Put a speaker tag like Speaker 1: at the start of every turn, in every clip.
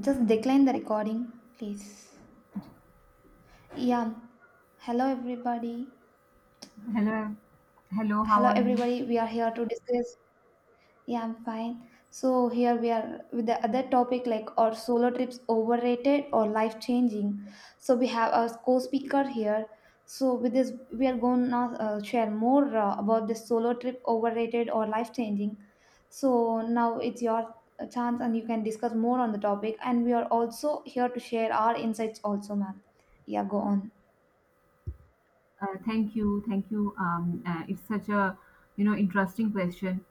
Speaker 1: Just decline the recording, please. Yeah. Hello, everybody.
Speaker 2: Hello, hello. How
Speaker 1: Hello,
Speaker 2: are you?
Speaker 1: everybody. We are here to discuss. Yeah, I'm fine. So here we are with the other topic like are solo trips overrated or life changing? So we have our co-speaker here. So with this, we are going now share more about this solo trip overrated or life changing. So now it's your chance and you can discuss more on the topic. And we are also here to share our insights also, ma'am. Yeah, go on.
Speaker 2: Thank you. It's such a interesting question.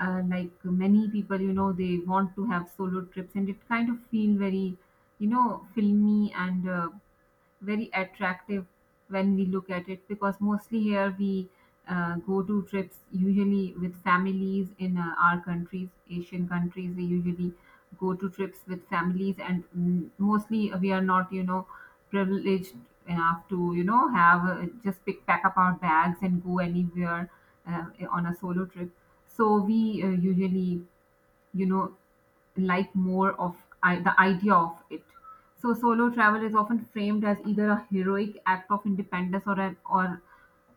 Speaker 2: Like many people, you know, they want to have solo trips, and it kind of feel very, you know, filmy and very attractive when we look at it because mostly here we go to trips usually with families in our countries, Asian countries. We usually go to trips with families, and mostly we are not, you know, privileged enough to, you know, have just pick pack up our bags and go anywhere uh, on a solo trip. So we usually you know like more of the idea of it. So solo travel is often framed as either a heroic act of independence or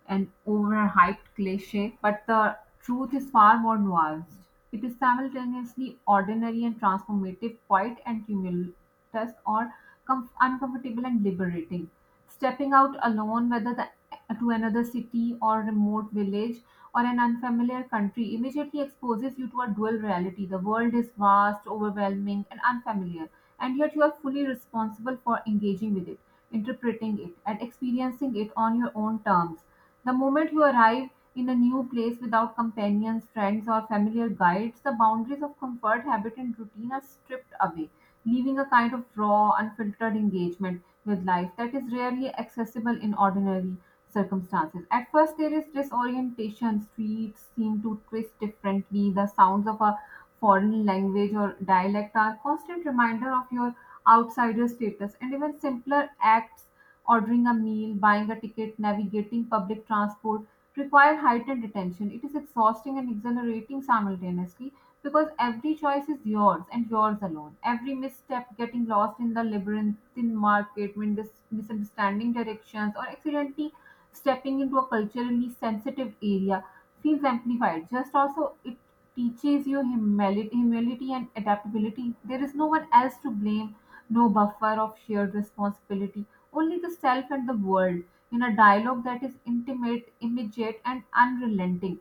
Speaker 2: an overhyped cliche, but the truth is far more nuanced. It is simultaneously ordinary and transformative, quiet and test are uncomfortable and liberating. Stepping out alone, whether to another city or remote village or an unfamiliar country, immediately exposes you to a dual reality. The world is vast, overwhelming, and unfamiliar, and yet you are fully responsible for engaging with it, interpreting it, and experiencing it on your own terms. The moment you arrive in a new place without companions, friends, or familiar guides, the boundaries of comfort, habit, and routine are stripped away, leaving a kind of raw, unfiltered engagement with life that is rarely accessible in ordinary circumstances. At first, there is disorientation. Streets seem to twist differently. The sounds of a foreign language or dialect are constant reminder of your outsider status, and even simpler acts, ordering a meal, buying a ticket, navigating public transport, require heightened attention. It is exhausting and exhilarating simultaneously because every choice is yours and yours alone. Every misstep, getting lost in the labyrinthine market, misunderstanding directions, or accidentally stepping into a culturally sensitive area feels amplified. Just also, it teaches you humility, humility and adaptability. There is no one else to blame, no buffer of shared responsibility, only the self and the world, in a dialogue that is intimate, immediate, and unrelenting.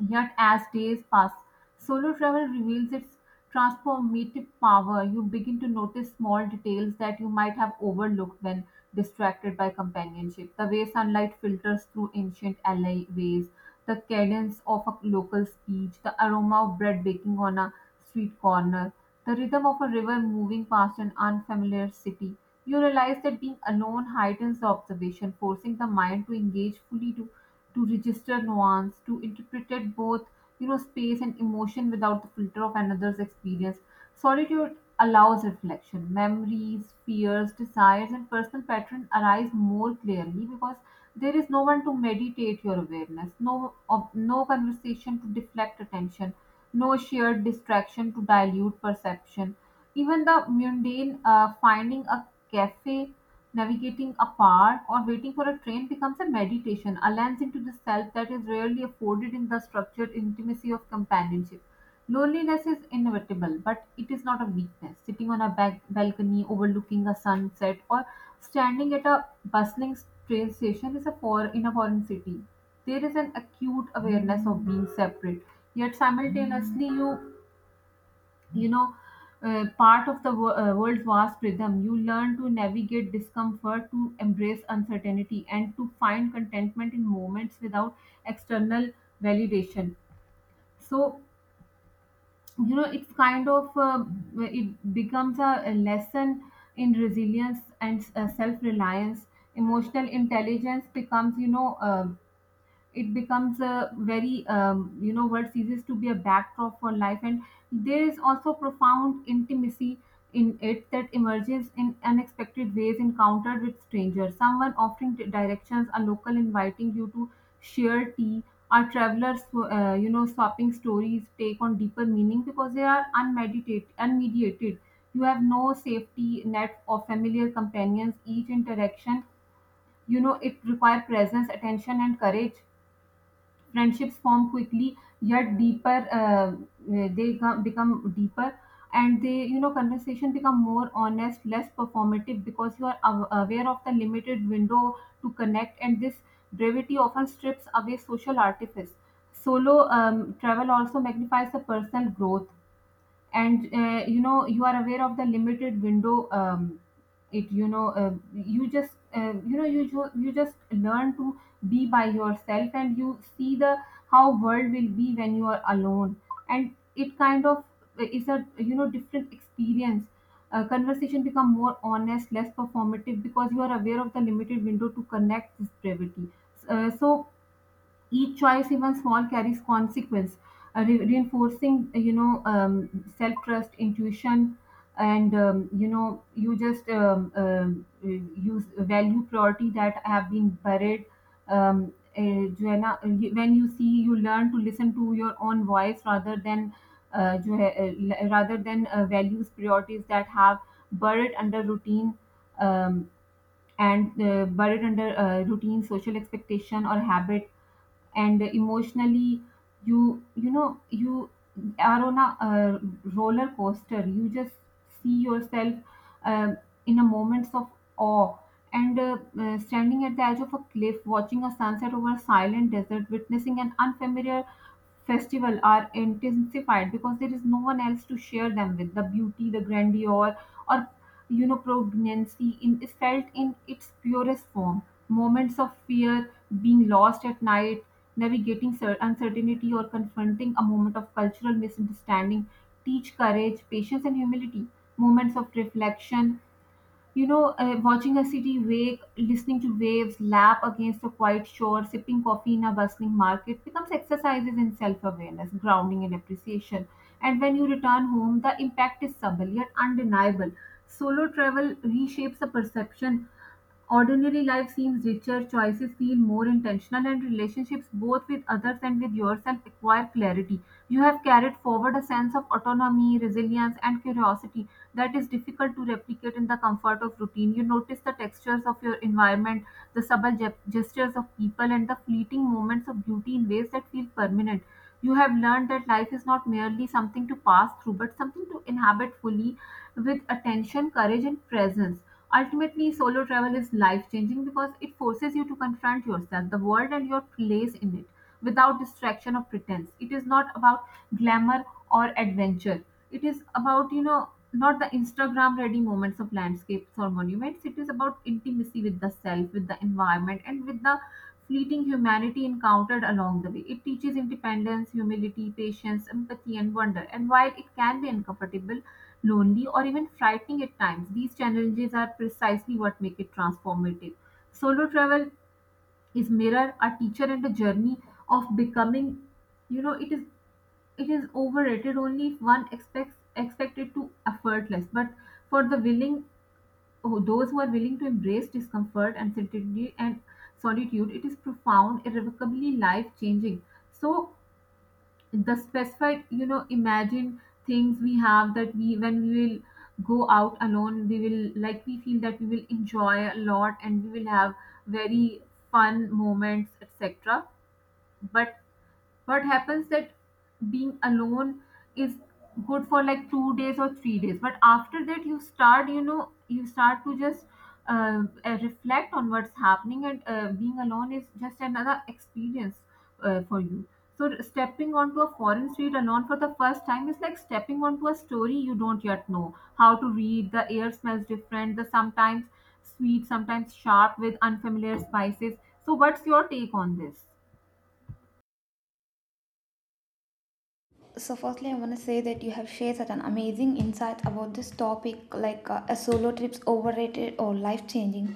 Speaker 2: Yet as days pass, solo travel reveals its transformative power. You begin to notice small details that you might have overlooked when distracted by companionship. The way sunlight filters through ancient alleyways, the cadence of a local speech, the aroma of bread baking on a street corner, the rhythm of a river moving past an unfamiliar city. You realize that being alone heightens the observation, forcing the mind to engage fully, to register nuance, to interpret both, you know, space and emotion without the filter of another's experience. Solitude allows reflection. Memories, fears, desires, and personal patterns arise more clearly because there is no one to meditate your awareness, no conversation to deflect attention, no shared distraction to dilute perception. Even the mundane, finding a cafe, navigating a park, or waiting for a train becomes a meditation, a lens into the self that is rarely afforded in the structured intimacy of companionship. Loneliness is inevitable, but it is not a weakness. Sitting on a back balcony overlooking a sunset or standing at a bustling train station is a for in a foreign city. There is an acute awareness of being separate, yet simultaneously you you know part of the world's vast rhythm. You learn to navigate discomfort, to embrace uncertainty, and to find contentment in moments without external validation. So you know it's kind of, it becomes a lesson in resilience and self-reliance. Emotional intelligence becomes, it becomes a very world ceases to be a backdrop for life. And there is also profound intimacy in it that emerges in unexpected ways, encountered with strangers, someone offering directions, a local inviting you to share tea, our travelers swapping stories take on deeper meaning because they are unmeditated unmediated. You have no safety net or familiar companions. Each interaction, it requires presence, attention, and courage. Friendships form quickly, yet deeper, become deeper, and they you know conversation become more honest, less performative, because you are aware of the limited window to connect, and this brevity often strips away social artifice. Solo travel also magnifies the personal growth, and you are aware of the limited window. Um, it you know you just you know you ju- You just learn to be by yourself, and you see the how world will be when you are alone, and it kind of is a, different experience. Conversation become more honest, less performative, because you are aware of the limited window to connect, this brevity. So each choice, even small, carries consequence, reinforcing, self trust, intuition, and, you just use value priority that have been buried. जो है ना, when you see, you learn to listen to your own voice rather than, जो है, rather than values, priorities that have buried under routine, um, and buried under routine, social expectation, or habit. And emotionally, you know you are on a roller coaster. You just see yourself, uh, in a moments of awe, and standing at the edge of a cliff, watching a sunset over a silent desert, witnessing an unfamiliar festival are intensified because there is no one else to share them with. The beauty, the grandeur, or, prognancy in, is felt in its purest form. Moments of fear, being lost at night, navigating uncertainty, or confronting a moment of cultural misunderstanding teach courage, patience, and humility. Moments of reflection, watching a city wake, listening to waves lap against a quiet shore, sipping coffee in a bustling market becomes exercises in self awareness, grounding, and appreciation. And when you return home, the impact is subtle yet undeniable. Solo travel reshapes the perception. Ordinary life seems richer, choices feel more intentional, and relationships, both with others and with yourself, acquire clarity. You have carried forward a sense of autonomy, resilience, and curiosity that is difficult to replicate in the comfort of routine. You notice the textures of your environment, the subtle gestures of people, and the fleeting moments of beauty in ways that feel permanent. You have learned that life is not merely something to pass through, but something to inhabit fully, with attention, courage, and presence. Ultimately, solo travel is life-changing because it forces you to confront yourself, the world, and your place in it without distraction or pretense. It is not about glamour or adventure. It is about, you know, not the Instagram ready moments of landscapes or monuments. It is about intimacy with the self, with the environment, and with the fleeting humanity encountered along the way. It teaches independence, humility, patience, empathy, and wonder. And while it can be uncomfortable, lonely, or even frightening at times, these challenges are precisely what make it transformative. Solo travel is mirror, a teacher, and a journey of becoming. You know, it is overrated only if one expects expected to effortless, but for the willing, those who are willing to embrace discomfort and solitude, it is profound, irrevocably life changing. So the specified, you know, imagine things we have that we, when we will go out alone, we will like, we feel that we will enjoy a lot and we will have very fun moments, etc. But what happens that being alone is good for like 2 days or 3 days, but after that you start, you start to just reflect on what's happening, and being alone is just another experience for you. So stepping onto a foreign street alone for the first time is like stepping onto a story you don't yet know how to read. The air smells different, the sometimes sweet, sometimes sharp with unfamiliar spices. So what's your take on this?
Speaker 1: So, firstly, I want to say that you have shared such an amazing insight about this topic, like a solo trips overrated or life changing.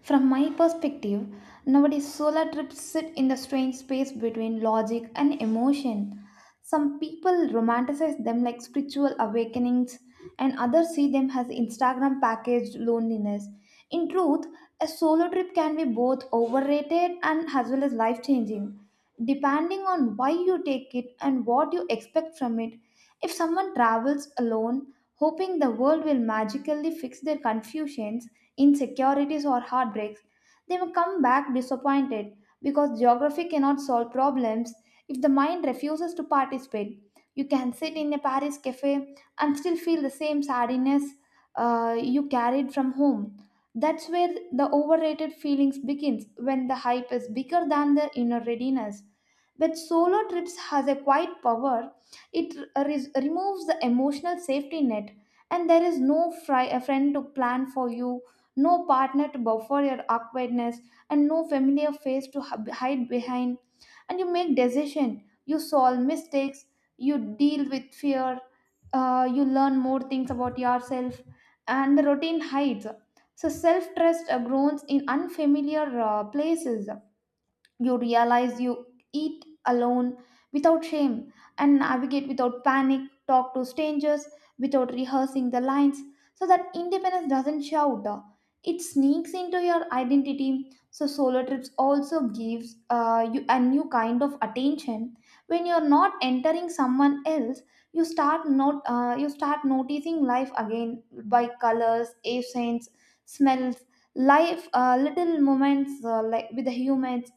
Speaker 1: From my perspective, nowadays solo trips sit in the strange space between logic and emotion. Some people romanticize them like spiritual awakenings, and others see them as Instagram packaged loneliness. In truth, a solo trip can be both overrated and as well as life changing depending on why you take it and what you expect from it. If someone travels alone, hoping the world will magically fix their confusions, insecurities, or heartbreaks, they may come back disappointed because geography cannot solve problems if the mind refuses to participate. You can sit in a Paris cafe and still feel the same sadness you carried from home. That's where the overrated feelings begins when the hype is bigger than the inner readiness. But solo trips has a quiet power. It removes the emotional safety net, and there is no a friend to plan for you, no partner to buffer your awkwardness, and no familiar face to hide behind. And you make decision. You solve mistakes. You deal with fear. You learn more things about yourself, and the routine hides. So self trust grows in unfamiliar places. You realize you eat alone without shame and navigate without panic, talk to strangers without rehearsing the lines, so that independence doesn't shout. It sneaks into your identity. So solo trips also gives you a new kind of attention. When you're not entering someone else, you start not you start noticing life again by colors, accents, smells, life little moments like with the humans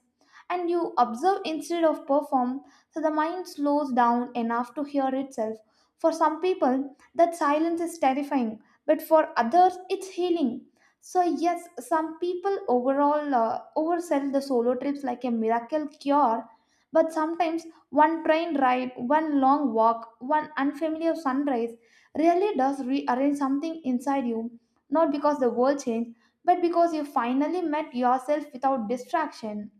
Speaker 1: and you observe instead of perform, so the mind slows down enough to hear itself. For some people, that silence is terrifying, but for others, it's healing. So yes, some people overall oversell the solo trips like a miracle cure, but sometimes one train ride, one long walk, one unfamiliar sunrise really does rearrange something inside you, not because the world changed, but because you finally met yourself without distraction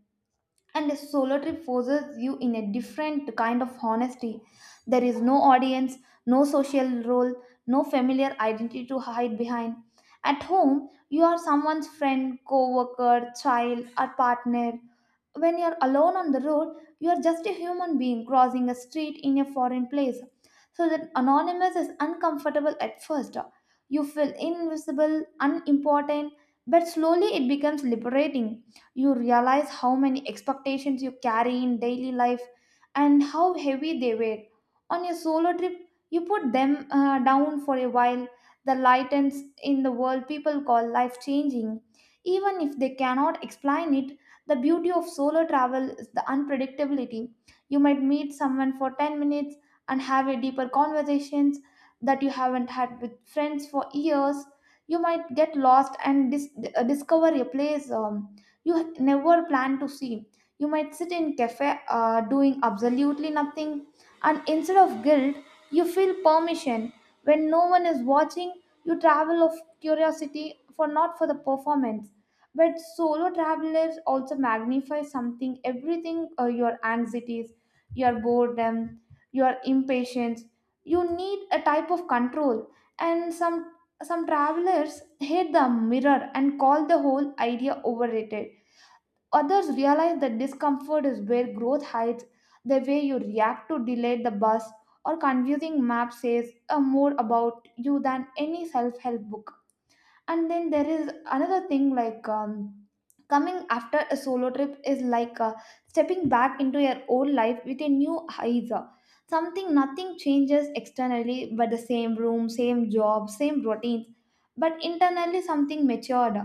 Speaker 1: and a solo trip forces you in a different kind of honesty. There is no audience, no social role, no familiar identity to hide behind. At home, you are someone's friend, co worker, child, or partner. When you're alone on the road, you are just a human being crossing a street in a foreign place. So that anonymous is uncomfortable at first. You feel invisible, unimportant, but slowly it becomes liberating. You realize how many expectations you carry in daily life and how heavy they were. On your solo trip, you put them down for a while. The lightens in the world people call life changing. Even if they cannot explain it, the beauty of solo travel is the unpredictability. You might meet someone for 10 minutes and have a deeper conversations that you haven't had with friends for years. You might get lost and dis- discover a place you never plan to see. You might sit in cafe doing absolutely nothing, and instead of guilt, you feel permission. When no one is watching, you travel of curiosity for not for the performance. But solo travelers also magnify something, everything your anxieties, your boredom, your impatience. You need a type of control, and some travelers hate the mirror and call the whole idea overrated. Others realize that discomfort is where growth hides. The way you react to delayed the bus or confusing map says more about you than any self help book. And then there is another thing like coming after a solo trip is like stepping back into your old life with a new eyes. Something nothing changes externally but the same room same job same routines but internally something matured,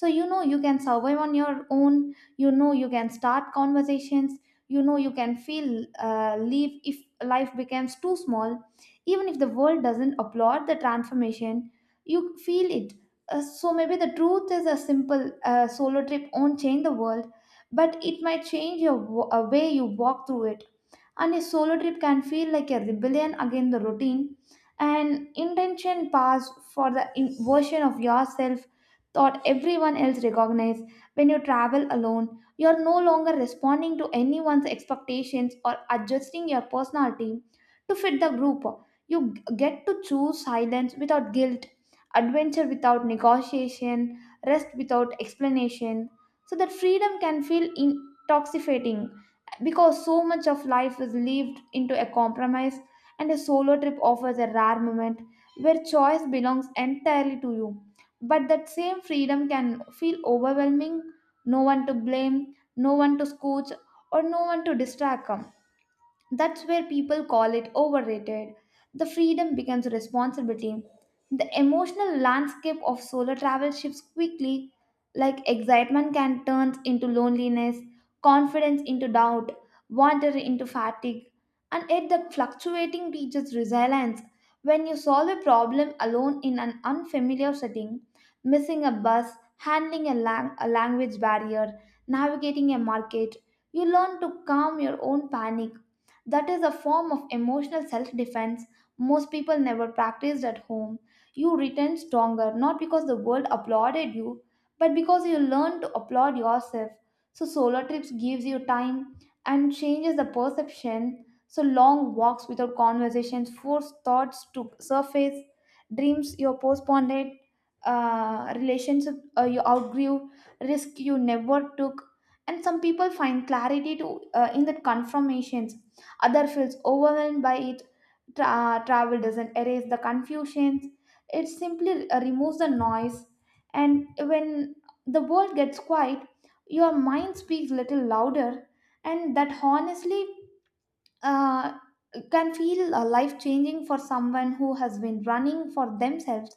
Speaker 1: so you know you can survive on your own, you know you can start conversations, you know you can feel leave if life becomes too small. Even if the world doesn't applaud the transformation you feel it. So maybe the truth is a simple solo trip won't change the world, but it might change your way you walk through it. And a solo trip can feel like a rebellion against the routine, an intention pass for the version of yourself thought everyone else recognized. When you travel alone, you are no longer responding to anyone's expectations or adjusting your personality to fit the group. You get to choose silence without guilt, adventure without negotiation, rest without explanation. So that freedom can feel intoxicating because so much of life is lived into a compromise, and a solo trip offers a rare moment where choice belongs entirely to you. But that same freedom can feel overwhelming, no one to blame, no one to scooch, or no one to distract. That's where people call it overrated. The freedom becomes a responsibility. The emotional landscape of solo travel shifts quickly, like excitement can turn into loneliness, confidence into doubt, wonder into fatigue, and yet the fluctuating teaches resilience. When you solve a problem alone in an unfamiliar setting, missing a bus, handling a language barrier, navigating a market, you learn to calm your own panic that is a form of emotional self defense most people never practiced at home. You returned stronger not because the world applauded you, but because you learned to applaud yourself. So, solo trips gives you time and changes the perception. So, long walks without conversations force thoughts to surface, dreams you postponed, relationship you outgrew, risk you never took, and some people find clarity to in the confirmations, other feels overwhelmed by it. Travel doesn't erase the confusions, it simply removes the noise, and when the world gets quiet your mind speaks little louder, and that honestly uh, can feel life changing for someone who has been running for themselves.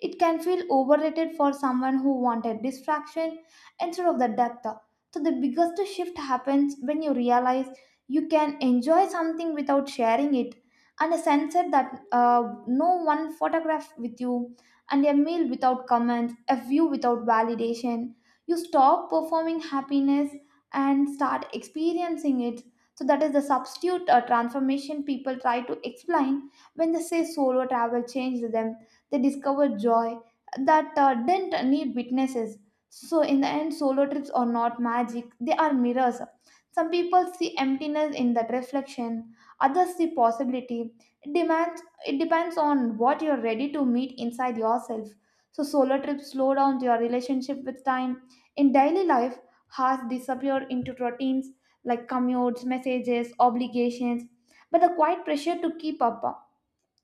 Speaker 1: It can feel overrated for someone who wanted distraction instead of the depth. So, the biggest shift happens when you realize you can enjoy something without sharing it, and a sunset that no one photograph with you, and a meal without comments, a view without validation. You stop performing happiness and start experiencing it. So that is the substitute transformation people try to explain when they say solo travel changed them. They discovered joy that didn't need witnesses. So in the end solo trips are not magic, they are mirrors. Some people see emptiness in that reflection, others see possibility. It depends on what you're ready to meet inside yourself. So solo trips slow down your relationship with time in daily life, has disappeared into routines like commutes, messages, obligations, but the quiet pressure to keep up.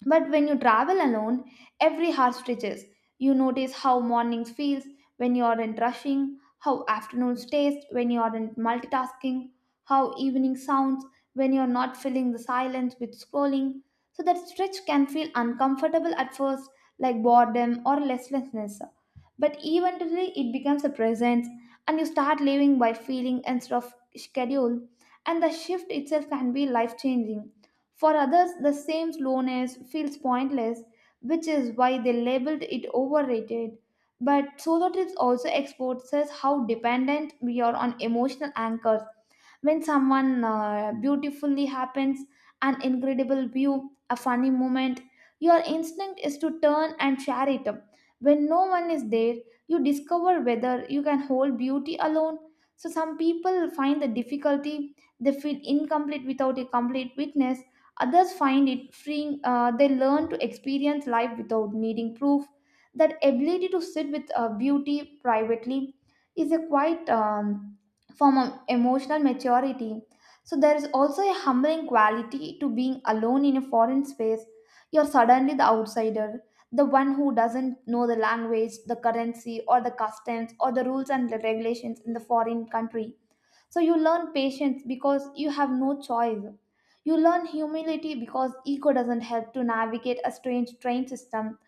Speaker 1: But when you travel alone, every hour stretches. You notice how mornings feels when you aren't rushing, how afternoons taste when you aren't multitasking, how evening sounds when you're not filling the silence with scrolling. So that stretch can feel uncomfortable at first, like boredom or listlessness. But eventually it becomes a presence and you start living by feeling instead of schedule. And the shift itself can be life changing for others, the same slowness feels pointless, which is why they labeled it overrated. But solo trips also exposes how dependent we are on emotional anchors. When someone beautifully happens, an incredible view, a funny moment, your instinct is to turn and share it. When no one is there, you discover whether you can hold beauty alone. So some people find the difficulty, they feel incomplete without a complete witness. Others find it freeing. They learn to experience life without needing proof. That ability to sit with beauty privately is a quite form of emotional maturity. So, there is also a humbling quality to being alone in a foreign space. You're suddenly the outsider, the one who doesn't know the language, the currency, or the customs, or the rules and the regulations in the foreign country, so you learn patience because you have no choice. You learn humility because ego doesn't help to navigate a strange train system.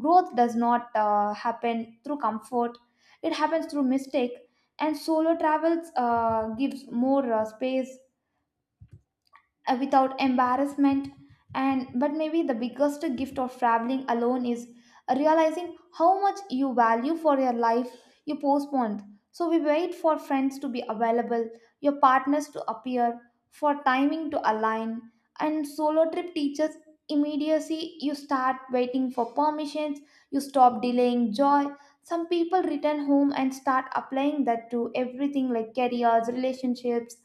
Speaker 1: Growth does not happen through comfort, it happens through mistake. And solo travels gives more space without embarrassment, and but maybe the biggest gift of traveling alone is realizing how much you value for your life you postponed. So we wait for friends to be available, your partners to appear, for timing to align, and solo trip teaches immediacy. You start waiting for permissions, you stop delaying joy. Some people return home and start applying that to everything like careers, relationships,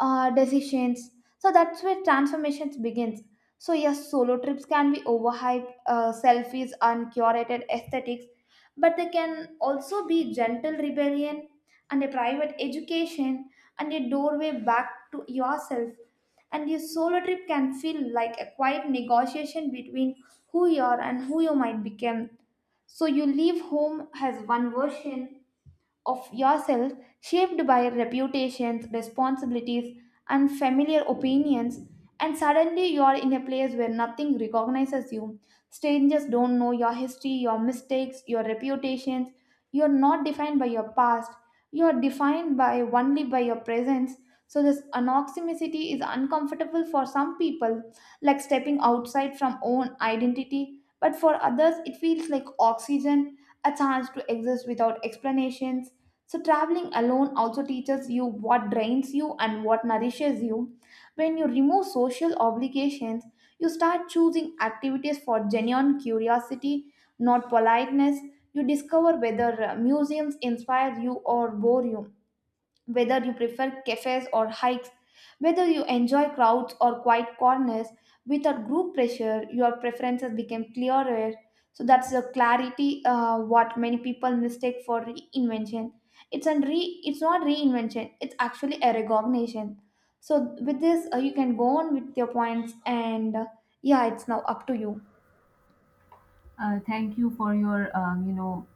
Speaker 1: decisions. So that's where transformations begins. So yes, solo trips can be overhyped, selfies, uncurated aesthetics, but they can also be gentle rebellion and a private education and a doorway back to yourself. And your solo trip can feel like a quiet negotiation between who you are and who you might become. So you leave home as one version of yourself shaped by reputations, responsibilities, and familiar opinions, and suddenly you are in a place where nothing recognizes you. Strangers don't know your history, your mistakes, your reputations. You are not defined by your past. You are defined by only by your presence. So this anoximicity is uncomfortable for some people, like stepping outside from own identity. But for others, it feels like oxygen, a chance to exist without explanations. So, traveling alone also teaches you what drains you and what nourishes you. When you remove social obligations, you start choosing activities for genuine curiosity, not politeness. You discover whether museums inspire you or bore you, whether you prefer cafes or hikes, whether you enjoy crowds or quiet corners, without group pressure, your preferences became clearer. So that's the clarity what many people mistake for reinvention. It's not reinvention. It's actually a recognition. So with this, you can go on with your points, and yeah, it's now up to you.
Speaker 2: Thank you for your, um, you know,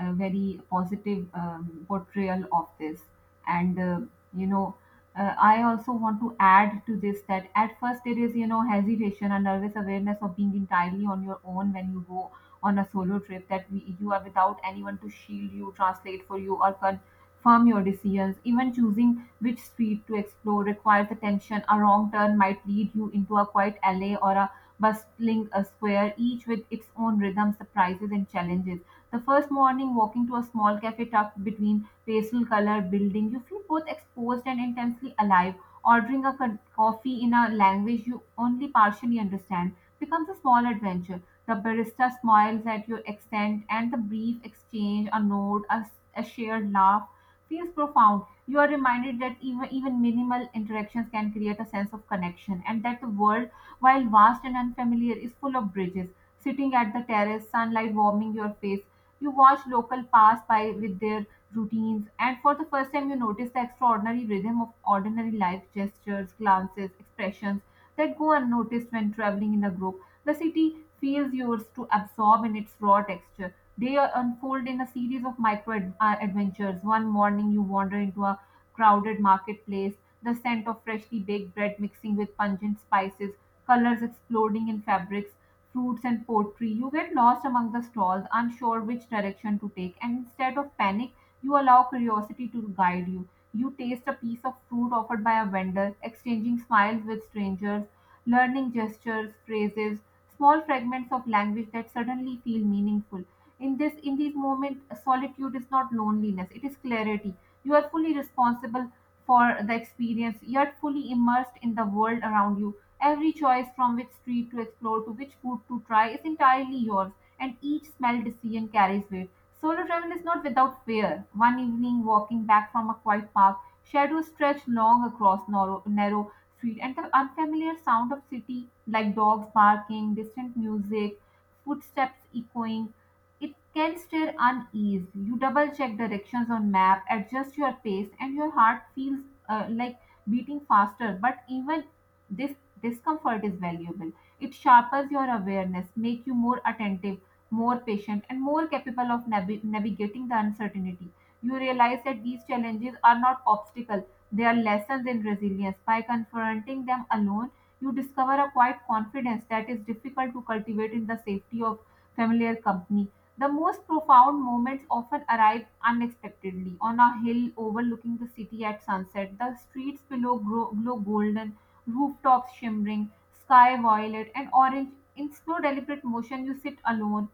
Speaker 2: uh, very positive portrayal of this. And, uh, you know, I also want to add to this that at first there is, you know, hesitation and nervous awareness of being entirely on your own when you go on a solo trip, that we, you are without anyone to shield you, translate for you, or confirm your decisions. Even choosing which street to explore requires attention. A wrong turn might lead you into a quiet alley or a bustling a square, each with its own rhythm, surprises, and challenges. The first morning, walking to a small cafe tucked between pastel color building, you feel both exposed and intensely alive. Ordering a coffee in a language you only partially understand becomes a small adventure. The barista smiles at your accent, and the brief exchange, a nod, a shared laugh, feels profound. You are reminded that even minimal interactions can create a sense of connection, and that the world, while vast and unfamiliar, is full of bridges. Sitting at the terrace, sunlight warming your face, you watch local pass by with their routines, and for the first time, you notice the extraordinary rhythm of ordinary life gestures, glances, expressions that go unnoticed when traveling in a group. The city feels yours to absorb in its raw texture. They are unfold in a series of adventures. One morning, you wander into a crowded marketplace, the scent of freshly baked bread mixing with pungent spices, colors exploding in fabrics, fruits, and pottery. You get lost among the stalls, unsure which direction to take, and instead of panic, you allow curiosity to guide you. You taste a piece of fruit offered by a vendor, exchanging smiles with strangers, learning gestures, phrases, small fragments of language that suddenly feel meaningful. In these moments, solitude is not loneliness, it is clarity. You are fully responsible for the experience, yet fully immersed in the world around you. Every choice from which street to explore to which food to try is entirely yours, and each small decision carries weight. Solo travel is not without fear. One evening, walking back from a quiet park, shadows stretch long across narrow street, and the unfamiliar sound of city, like dogs barking, distant music, footsteps echoing, it can stir unease. You double check directions on map, adjust your pace, and your heart feels uh, like beating faster. But even this discomfort is valuable. It sharpens your awareness, make you more attentive, more patient, and more capable of navigating the uncertainty. You realize that these challenges are not obstacles; they are lessons in resilience. By confronting them alone, you discover a quiet confidence that is difficult to cultivate in the safety of familiar company. The most profound moments often arrive unexpectedly. On a hill overlooking the city at sunset, the streets below glow golden, rooftops shimmering, sky violet and orange. In slow, deliberate motion, you sit alone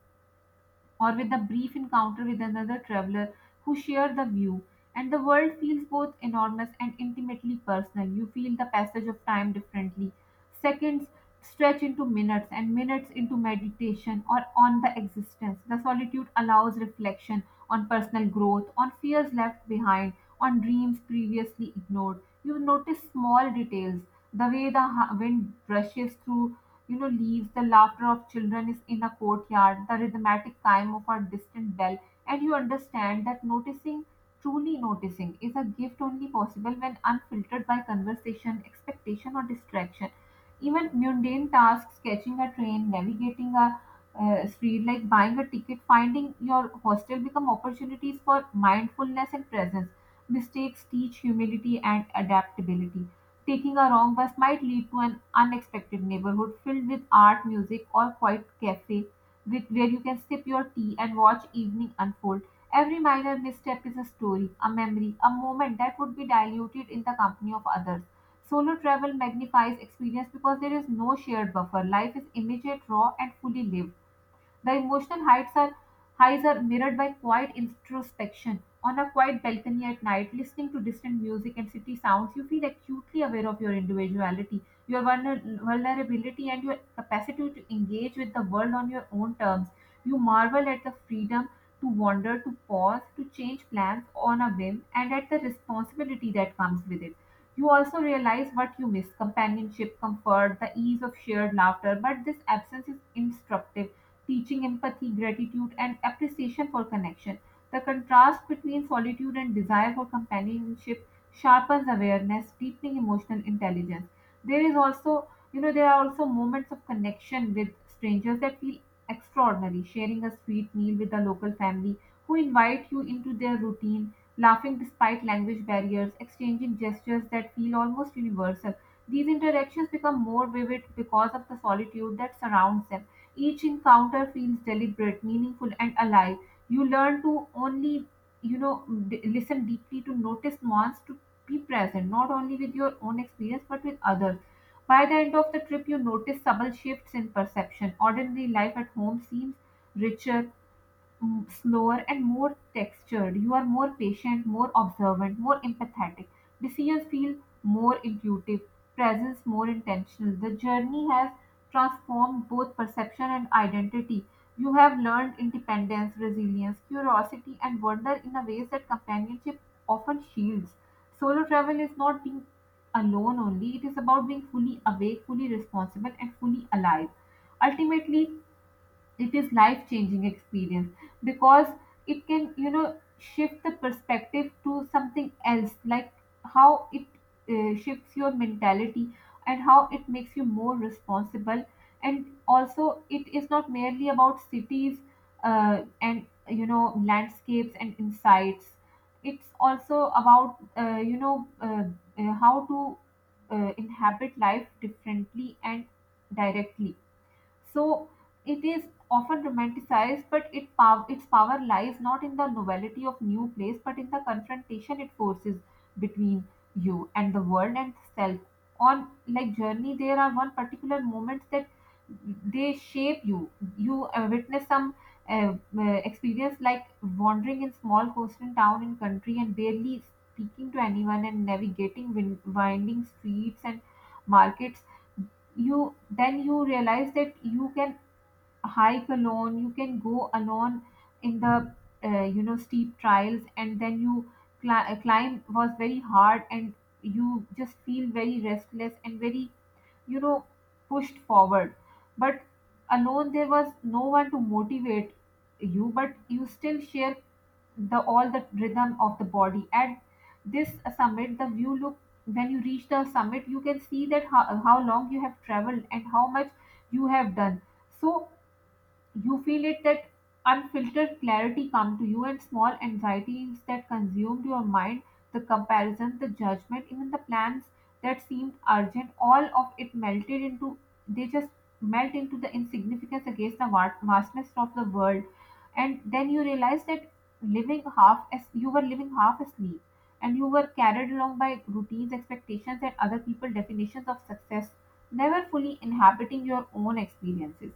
Speaker 2: or with a brief encounter with another traveler who share the view. And the world feels both enormous and intimately personal. You feel the passage of time differently. Seconds stretch into minutes, and minutes into meditation or on the existence. The solitude allows reflection on personal growth, on fears left behind, on dreams previously ignored. You notice small details, the way wind brushes through, leaves, the laughter of children is in a courtyard, the rhythmic chime of a distant bell, and you understand that noticing, truly noticing, is a gift only possible when unfiltered by conversation, expectation, or distraction. Even mundane tasks, catching a train, navigating a street, like buying a ticket, finding your hostel, become opportunities for mindfulness and presence. Mistakes teach humility and adaptability. Taking a wrong bus might lead to an unexpected neighborhood filled with art, music, or quiet cafe, with, where you can sip your tea and watch evening unfold. Every minor misstep is a story, a memory, a moment that would be diluted in the company of others. Solo travel magnifies experience because there is no shared buffer. Life is immediate, raw, and fully lived. The emotional heights are highs are mirrored by quiet introspection. On a quiet balcony at night, listening to distant music and city sounds, you feel acutely aware of your individuality, your vulnerability, and your capacity to engage with the world on your own terms. You marvel at the freedom to wander, to pause, to change plans on a whim, and at the responsibility that comes with it. You also realize what you miss: companionship, comfort, the ease of shared laughter, but this absence is instructive, teaching empathy, gratitude, and appreciation for connection. The contrast between solitude and desire for companionship sharpens awareness, deepening emotional intelligence. There is also, you know, There are also moments of connection with strangers that feel extraordinary. Sharing a sweet meal with a local family who invite you into their routine, laughing despite language barriers, exchanging gestures that feel almost universal. These interactions become more vivid because of the solitude that surrounds them. Each encounter feels deliberate, meaningful, and alive. You learn to only, listen deeply, to notice nuance, to be present not only with your own experience but with others. By the end of the trip you notice subtle shifts in perception. Ordinary life at home seems richer, slower, and more textured. You are more patient, more observant, more empathetic. Decisions feel more intuitive, presence more intentional. The journey has transformed both perception and identity. You have learned independence, resilience, curiosity, and wonder in a ways that companionship often shields. Solo travel is not being alone only, it is about being fully awake, fully responsible, and fully alive. Ultimately, it is life changing experience, because it can, shift the perspective to something else, like how it shifts your mentality, and how it makes you more responsible. And also it is not merely about cities and, landscapes and insights. It's also about how to inhabit life differently and directly. So it is often romanticized, but its power lies not in the novelty of new place, but in the confrontation it forces between you and the world and self. On like journey, there are one particular moments that they shape you. You witness some uh, uh, experience, like wandering in small coastal town in country and barely speaking to anyone and navigating winding streets and markets. You then you realize that you can hike alone, you can go alone in the steep trials, and then you climb was very hard, and you just feel very restless and very, you know pushed forward. But alone there was no one to motivate you, but you still share the all the rhythm of the body at this summit. The view look when you reach the summit, you can see that how long you have traveled and how much you have done. So you feel it that unfiltered clarity come to you, and small anxieties that consumed your mind, the comparison, the judgment, even the plans that seemed urgent, all of it melted into, they just melt into the insignificance against the vastness of the world. And then you realize that living half as you were living half asleep, and you were carried along by routines, expectations, and other people's definitions of success, never fully inhabiting your own experiences.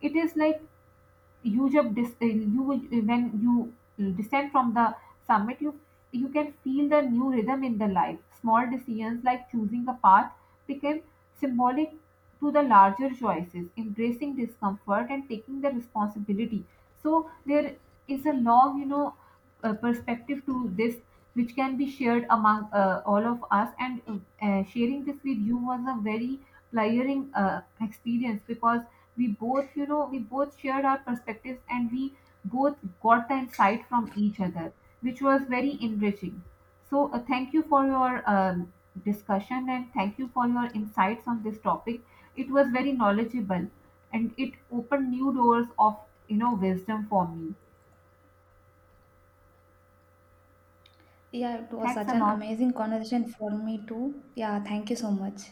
Speaker 2: It is like you, when you descend from the summit, you can feel the new rhythm in the life. Small decisions like choosing a path became symbolic to the larger choices, embracing discomfort and taking the responsibility. So there is a long, perspective to this, which can be shared among all of us. And sharing this with you was a very tiring experience, because we both, we both shared our perspectives, and we both got the insight from each other, which was very enriching. So thank you for your discussion, and thank you for your insights on this topic. It was very knowledgeable, and it opened new doors of, wisdom for me.
Speaker 1: Yeah, it was
Speaker 2: Thanks
Speaker 1: such
Speaker 2: a
Speaker 1: an
Speaker 2: lot.
Speaker 1: amazing conversation for me too. Yeah, thank you so much.